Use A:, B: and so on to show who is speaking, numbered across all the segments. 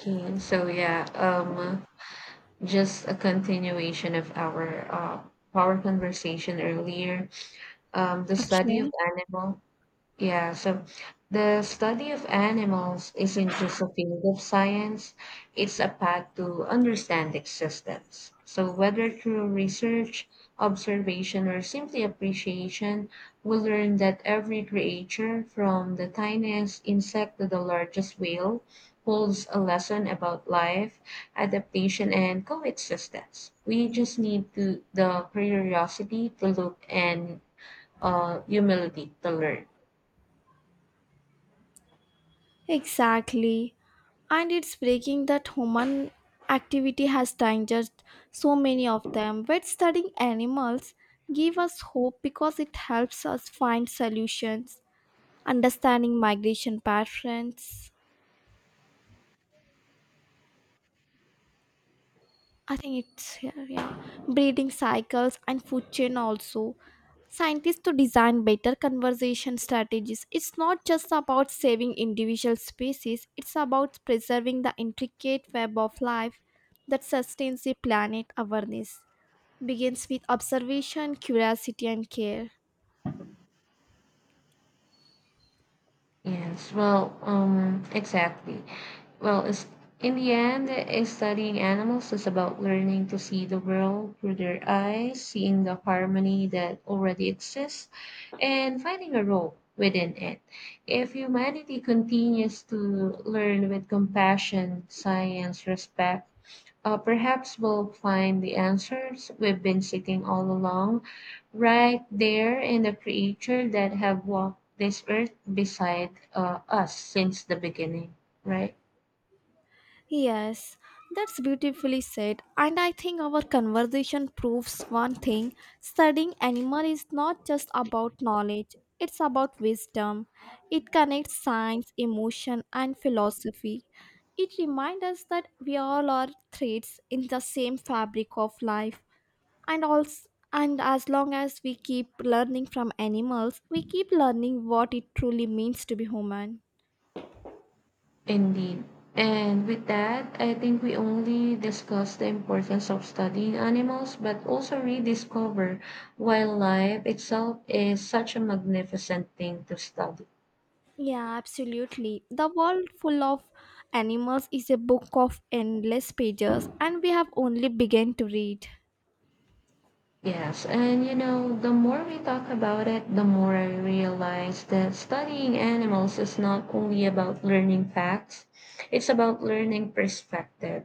A: Okay, so yeah, um, just a continuation of our our conversation earlier. Um, the study of
B: Okay,
A: animal yeah, so the study of animals isn't just a field of science, it's a path to understand existence. So, whether through research, observation, or simply appreciation, we learn that every creature, from the tiniest insect to the largest whale, holds a lesson about life, adaptation, and coexistence. We just need to, the curiosity to look and humility to learn.
B: exactly. And it's breaking that human activity has dangered so many of them. But studying animals give us hope because it helps us find solutions, understanding migration patterns. I think it's yeah. Breeding cycles and food chain also. Scientists to design better conservation strategies. It's not just about saving individual species, it's about preserving the intricate web of life that sustains the planet awareness. Begins with observation, curiosity and care.
A: Yes, well, exactly. Well, it's, in the end, studying animals is about learning to see the world through their eyes, seeing the harmony that already exists, and finding a role within it. If humanity continues to learn with compassion, science, respect, perhaps we'll find the answers we've been seeking all along, right there in the creature that have walked this earth beside us since the beginning, right?
B: Yes, that's beautifully said. And I think our conversation proves one thing studying animal is not just about knowledge, it's about wisdom. It connects science, emotion, and philosophy. It reminds us that we all are threads in the same fabric of life. And also, and as long as we keep learning from animals, we keep learning what it truly means to be human.
A: Indeed. And with that, I think we only discuss the importance of studying animals, but also rediscover why life itself is such a magnificent thing to study.
B: Yeah, absolutely. The world full of animals is a book of endless pages, and we have only begun to read.
A: Yes, and you know, the more we talk about it, the more I realize that studying animals is not only about learning facts, it's about learning perspective.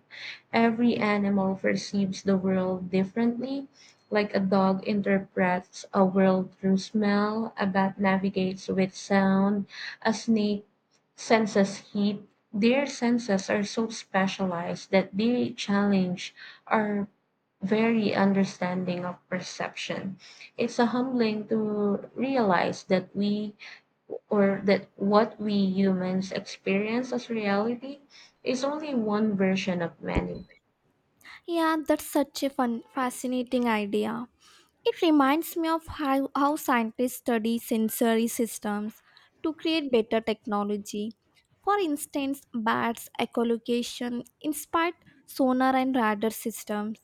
A: Every animal perceives the world differently, like a dog interprets a world through smell, a bat navigates with sound, a snake senses heat. Their senses are so specialized that they challenge our very understanding of perception. It's a humbling to realize that we or that what we humans experience as reality is only one version of many.
B: Yeah, that's such a fun, fascinating idea. It reminds me of how scientists study sensory systems to create better technology. For instance, bats' echolocation inspired sonar and radar systems,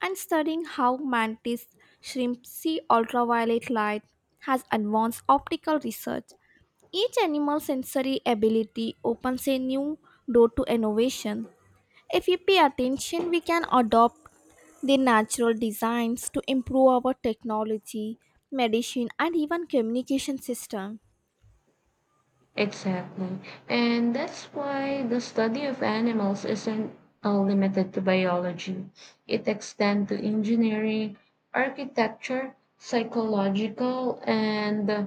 B: and studying how mantis shrimp see ultraviolet light has advanced optical research. Each animal's sensory ability opens a new door to innovation. If we pay attention, we can adopt the natural designs to improve our technology, medicine, and even communication system.
A: Exactly. And that's why the study of animals isn't limited to biology. It extends to engineering, architecture, psychological, and uh,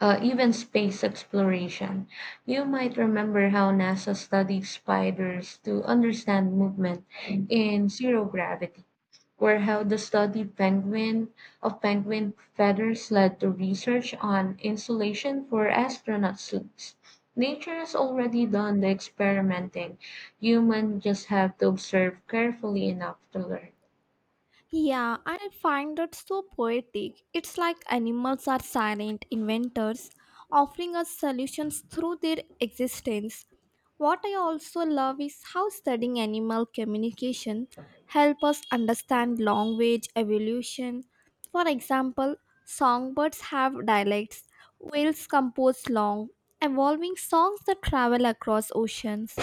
A: uh, even space exploration. You might remember how NASA studied spiders to understand movement in zero gravity, or how the study penguin of penguin feathers led to research on insulation for astronaut suits. Nature has already done the experimenting. Humans just have to observe carefully enough to learn.
B: Yeah, and I find that so poetic. It's like animals are silent inventors, offering us solutions through their existence. What I also love is how studying animal communication help us understand language evolution. For example, songbirds have dialects, whales compose long, evolving songs that travel across oceans.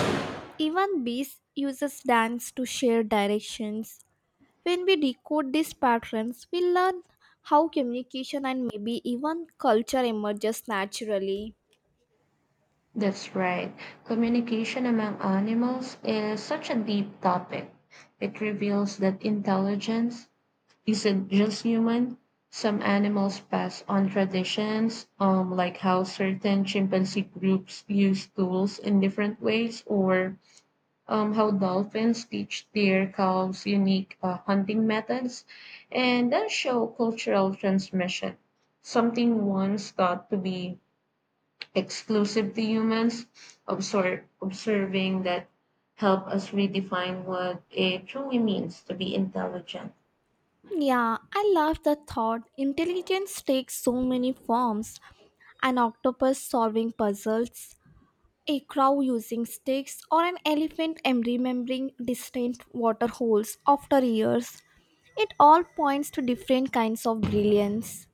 B: Even bees uses dance to share directions. When we decode these patterns, we learn how communication and maybe even culture emerges naturally.
A: That's right. Communication among animals is such a deep topic. It reveals that intelligence isn't just human. Some animals pass on traditions, like how certain chimpanzee groups use tools in different ways, or how dolphins teach their calves unique hunting methods, and then show cultural transmission. Something once thought to be exclusive to humans, observing that help us redefine what it truly means to be intelligent.
B: Yeah, I love the thought. Intelligence takes so many forms an octopus solving puzzles, a crow using sticks, or an elephant remembering distant water holes after years. It all points to different kinds of brilliance.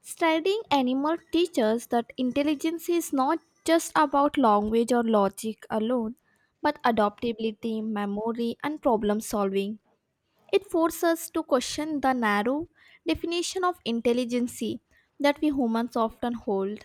B: Studying animal teaches that intelligence is not just about language or logic alone, but adaptability, memory, and problem solving. It forces us to question the narrow definition of intelligence that we humans often hold.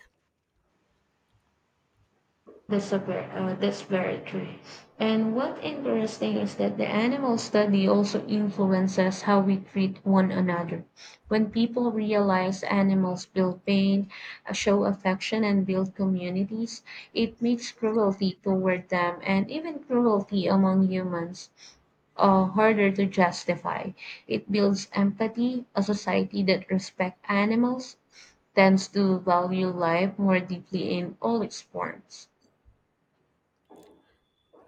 A: That's very true. And what interesting is that the animal study also influences how we treat one another. When people realize animals feel pain, show affection, and build communities, it makes cruelty toward them and even cruelty among humans, harder to justify. It builds empathy. A society that respects animals tends to value life more deeply in all its forms.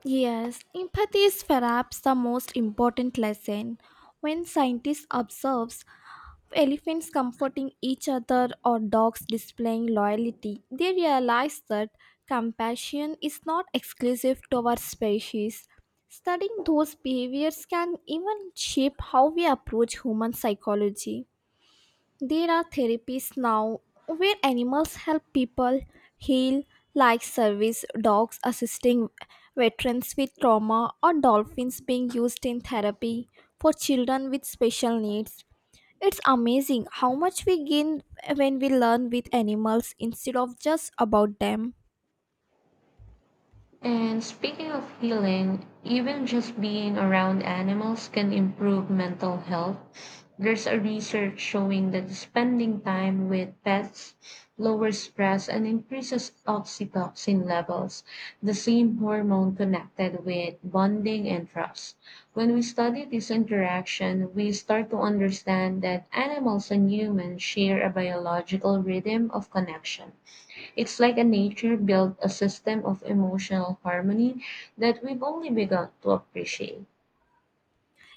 B: Yes, empathy is perhaps the most important lesson when scientists observe. Elephants comforting each other or dogs displaying loyalty, they realize that compassion is not exclusive to our species. Studying those behaviors can even shape how we approach human psychology. There are therapies now where animals help people heal, like service dogs assisting veterans with trauma, or dolphins being used in therapy for children with special needs. It's amazing how much we gain when we learn with animals instead of just about them.
A: And speaking of healing, even just being around animals can improve mental health. There's a research showing that spending time with pets lowers stress and increases oxytocin levels, the same hormone connected with bonding and trust. When we study this interaction, we start to understand that animals and humans share a biological rhythm of connection. It's like a nature built a system of emotional harmony that we've only begun to appreciate.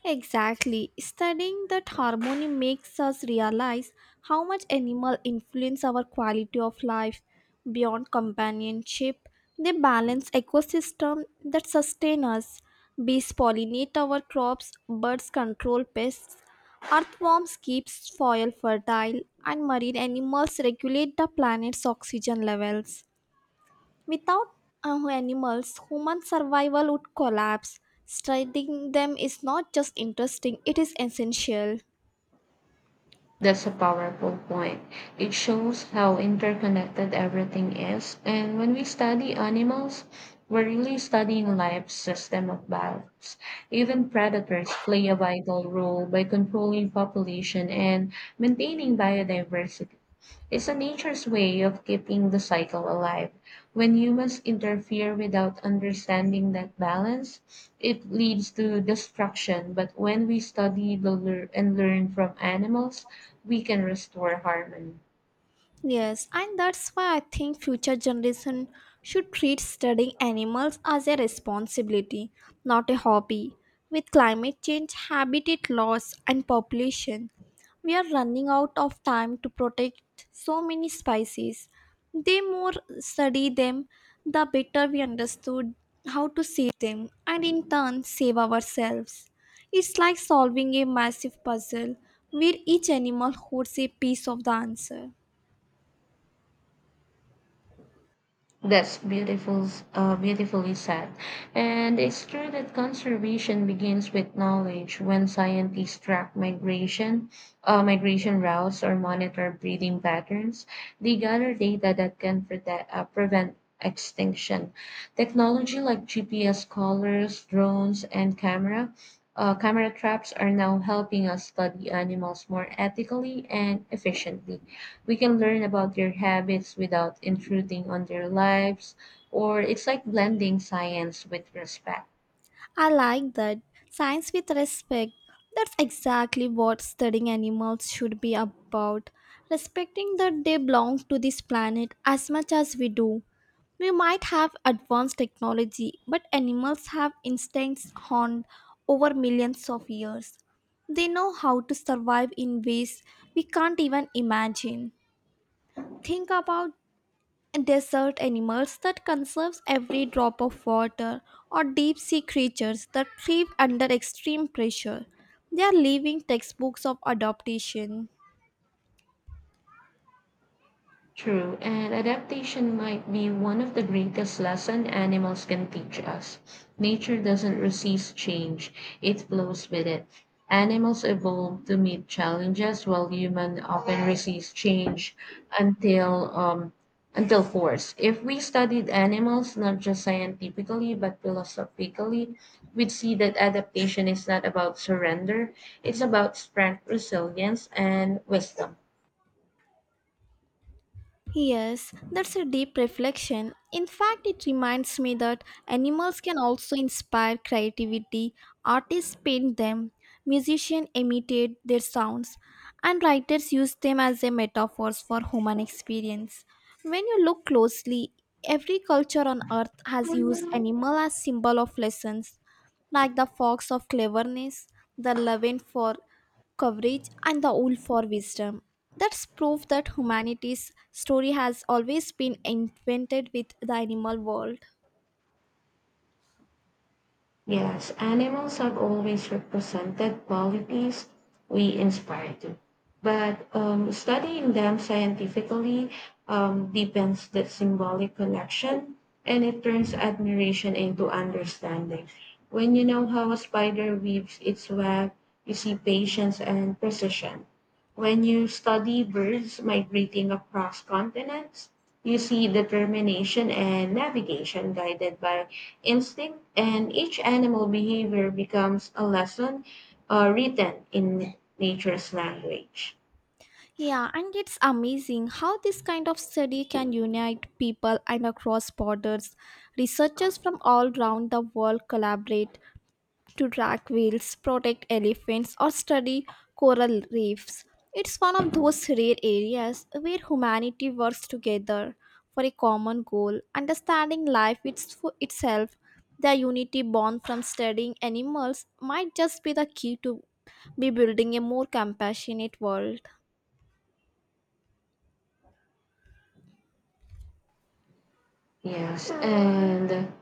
B: Exactly. Studying that harmony makes us realize how much animal influence our quality of life beyond companionship. They balance ecosystem that sustain us. Bees pollinate our crops, birds control pests, earthworms keep soil fertile, and marine animals regulate the planet's oxygen levels. Without our animals, human survival would collapse. Studying them is not just interesting, it is essential.
A: That's a powerful point. It shows how interconnected everything is. And when we study animals, we're really studying life's system of balance. Even predators play a vital role by controlling population and maintaining biodiversity. It's a nature's way of keeping the cycle alive. When humans interfere without understanding that balance, it leads to destruction. But when we study and learn from animals, we can restore harmony.
B: Yes, and that's why I think future generation should treat studying animals as a responsibility, not a hobby. With climate change, habitat loss and population, we are running out of time to protect so many species. The more study them, the better we understood how to save them and in turn save ourselves. It's like solving a massive puzzle where each animal holds a piece of the answer.
A: That's beautifully said. And it's true that conservation begins with knowledge. When scientists track migration, migration routes, or monitor breeding patterns, they gather data that can prevent extinction. Technology like GPS collars, drones, and camera. Camera traps are now helping us study animals more ethically and efficiently. We can learn about their habits without intruding on their lives, or it's like blending science with respect.
B: I like that. Science with respect. That's exactly what studying animals should be about. Respecting that they belong to this planet as much as we do. We might have advanced technology, but animals have instincts honed over millions of years. They know how to survive in ways we can't even imagine. Think about desert animals that conserves every drop of water or deep sea creatures that thrive under extreme pressure they are living textbooks of adaptation.
A: True, and adaptation might be one of the greatest lessons animals can teach us. Nature doesn't resist change, it flows with it. Animals evolve to meet challenges while humans often resist change until um, until forced. If we studied animals not just scientifically but philosophically, we'd see that adaptation is not about surrender, it's about strength, resilience, and wisdom.
B: Yes, that's a deep reflection. In fact, it reminds me that animals can also inspire creativity. Artists paint them, musicians imitate their sounds, and writers use them as a metaphors for human experience. When you look closely, every culture on earth has used animal as symbol of lessons like the fox of cleverness, the lion for coverage, and the owl for wisdom. That's proof that humanity's story has always been invented with the animal world.
A: Yes, animals have always represented qualities we inspire to. But studying them scientifically deepens that symbolic connection and it turns admiration into understanding. When you know how a spider weaves its web, you see patience and precision. When you study birds migrating across continents, you see determination and navigation guided by instinct, and each animal behavior becomes a lesson, written in nature's language.
B: Yeah, and it's amazing how this kind of study can unite people and across borders. Researchers from all around the world collaborate, to track whales, protect elephants, or study coral reefs. It's one of those rare areas where humanity works together for a common goal, understanding life itself. The unity born from studying animals might just be the key to be building a more compassionate world.
A: Yes, and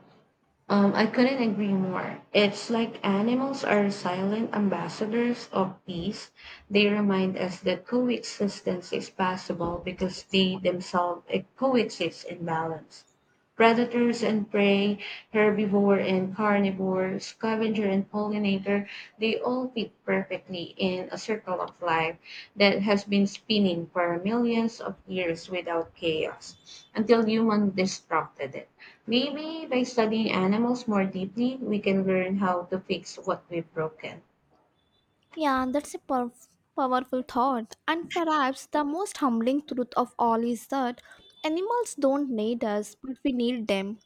A: Um, I couldn't agree more. It's like animals are silent ambassadors of peace. They remind us that coexistence is possible because they themselves coexist in balance. Predators and prey, herbivore and carnivore, scavenger and pollinator, they all fit perfectly in a circle of life that has been spinning for millions of years without chaos until human disrupted it. Maybe by studying animals more deeply, we can learn how to fix what we've broken.
B: Yeah, that's a powerful thought. And perhaps the most humbling truth of all is that animals don't need us, but we need them.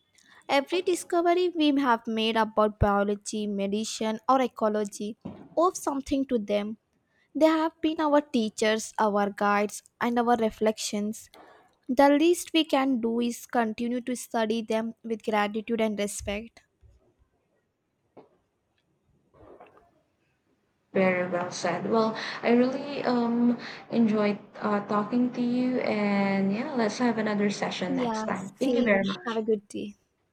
B: Every discovery we have made about biology, medicine, or ecology owes something to them. They have been our teachers, our guides, and our reflections. The least we can do is continue to study them with gratitude and respect.
A: Very well said. Well, I really enjoyed talking to you, and yeah, let's have another session next
B: Yeah,
A: time. Thank you
B: same.
A: very
B: Have a
A: much.
B: good day.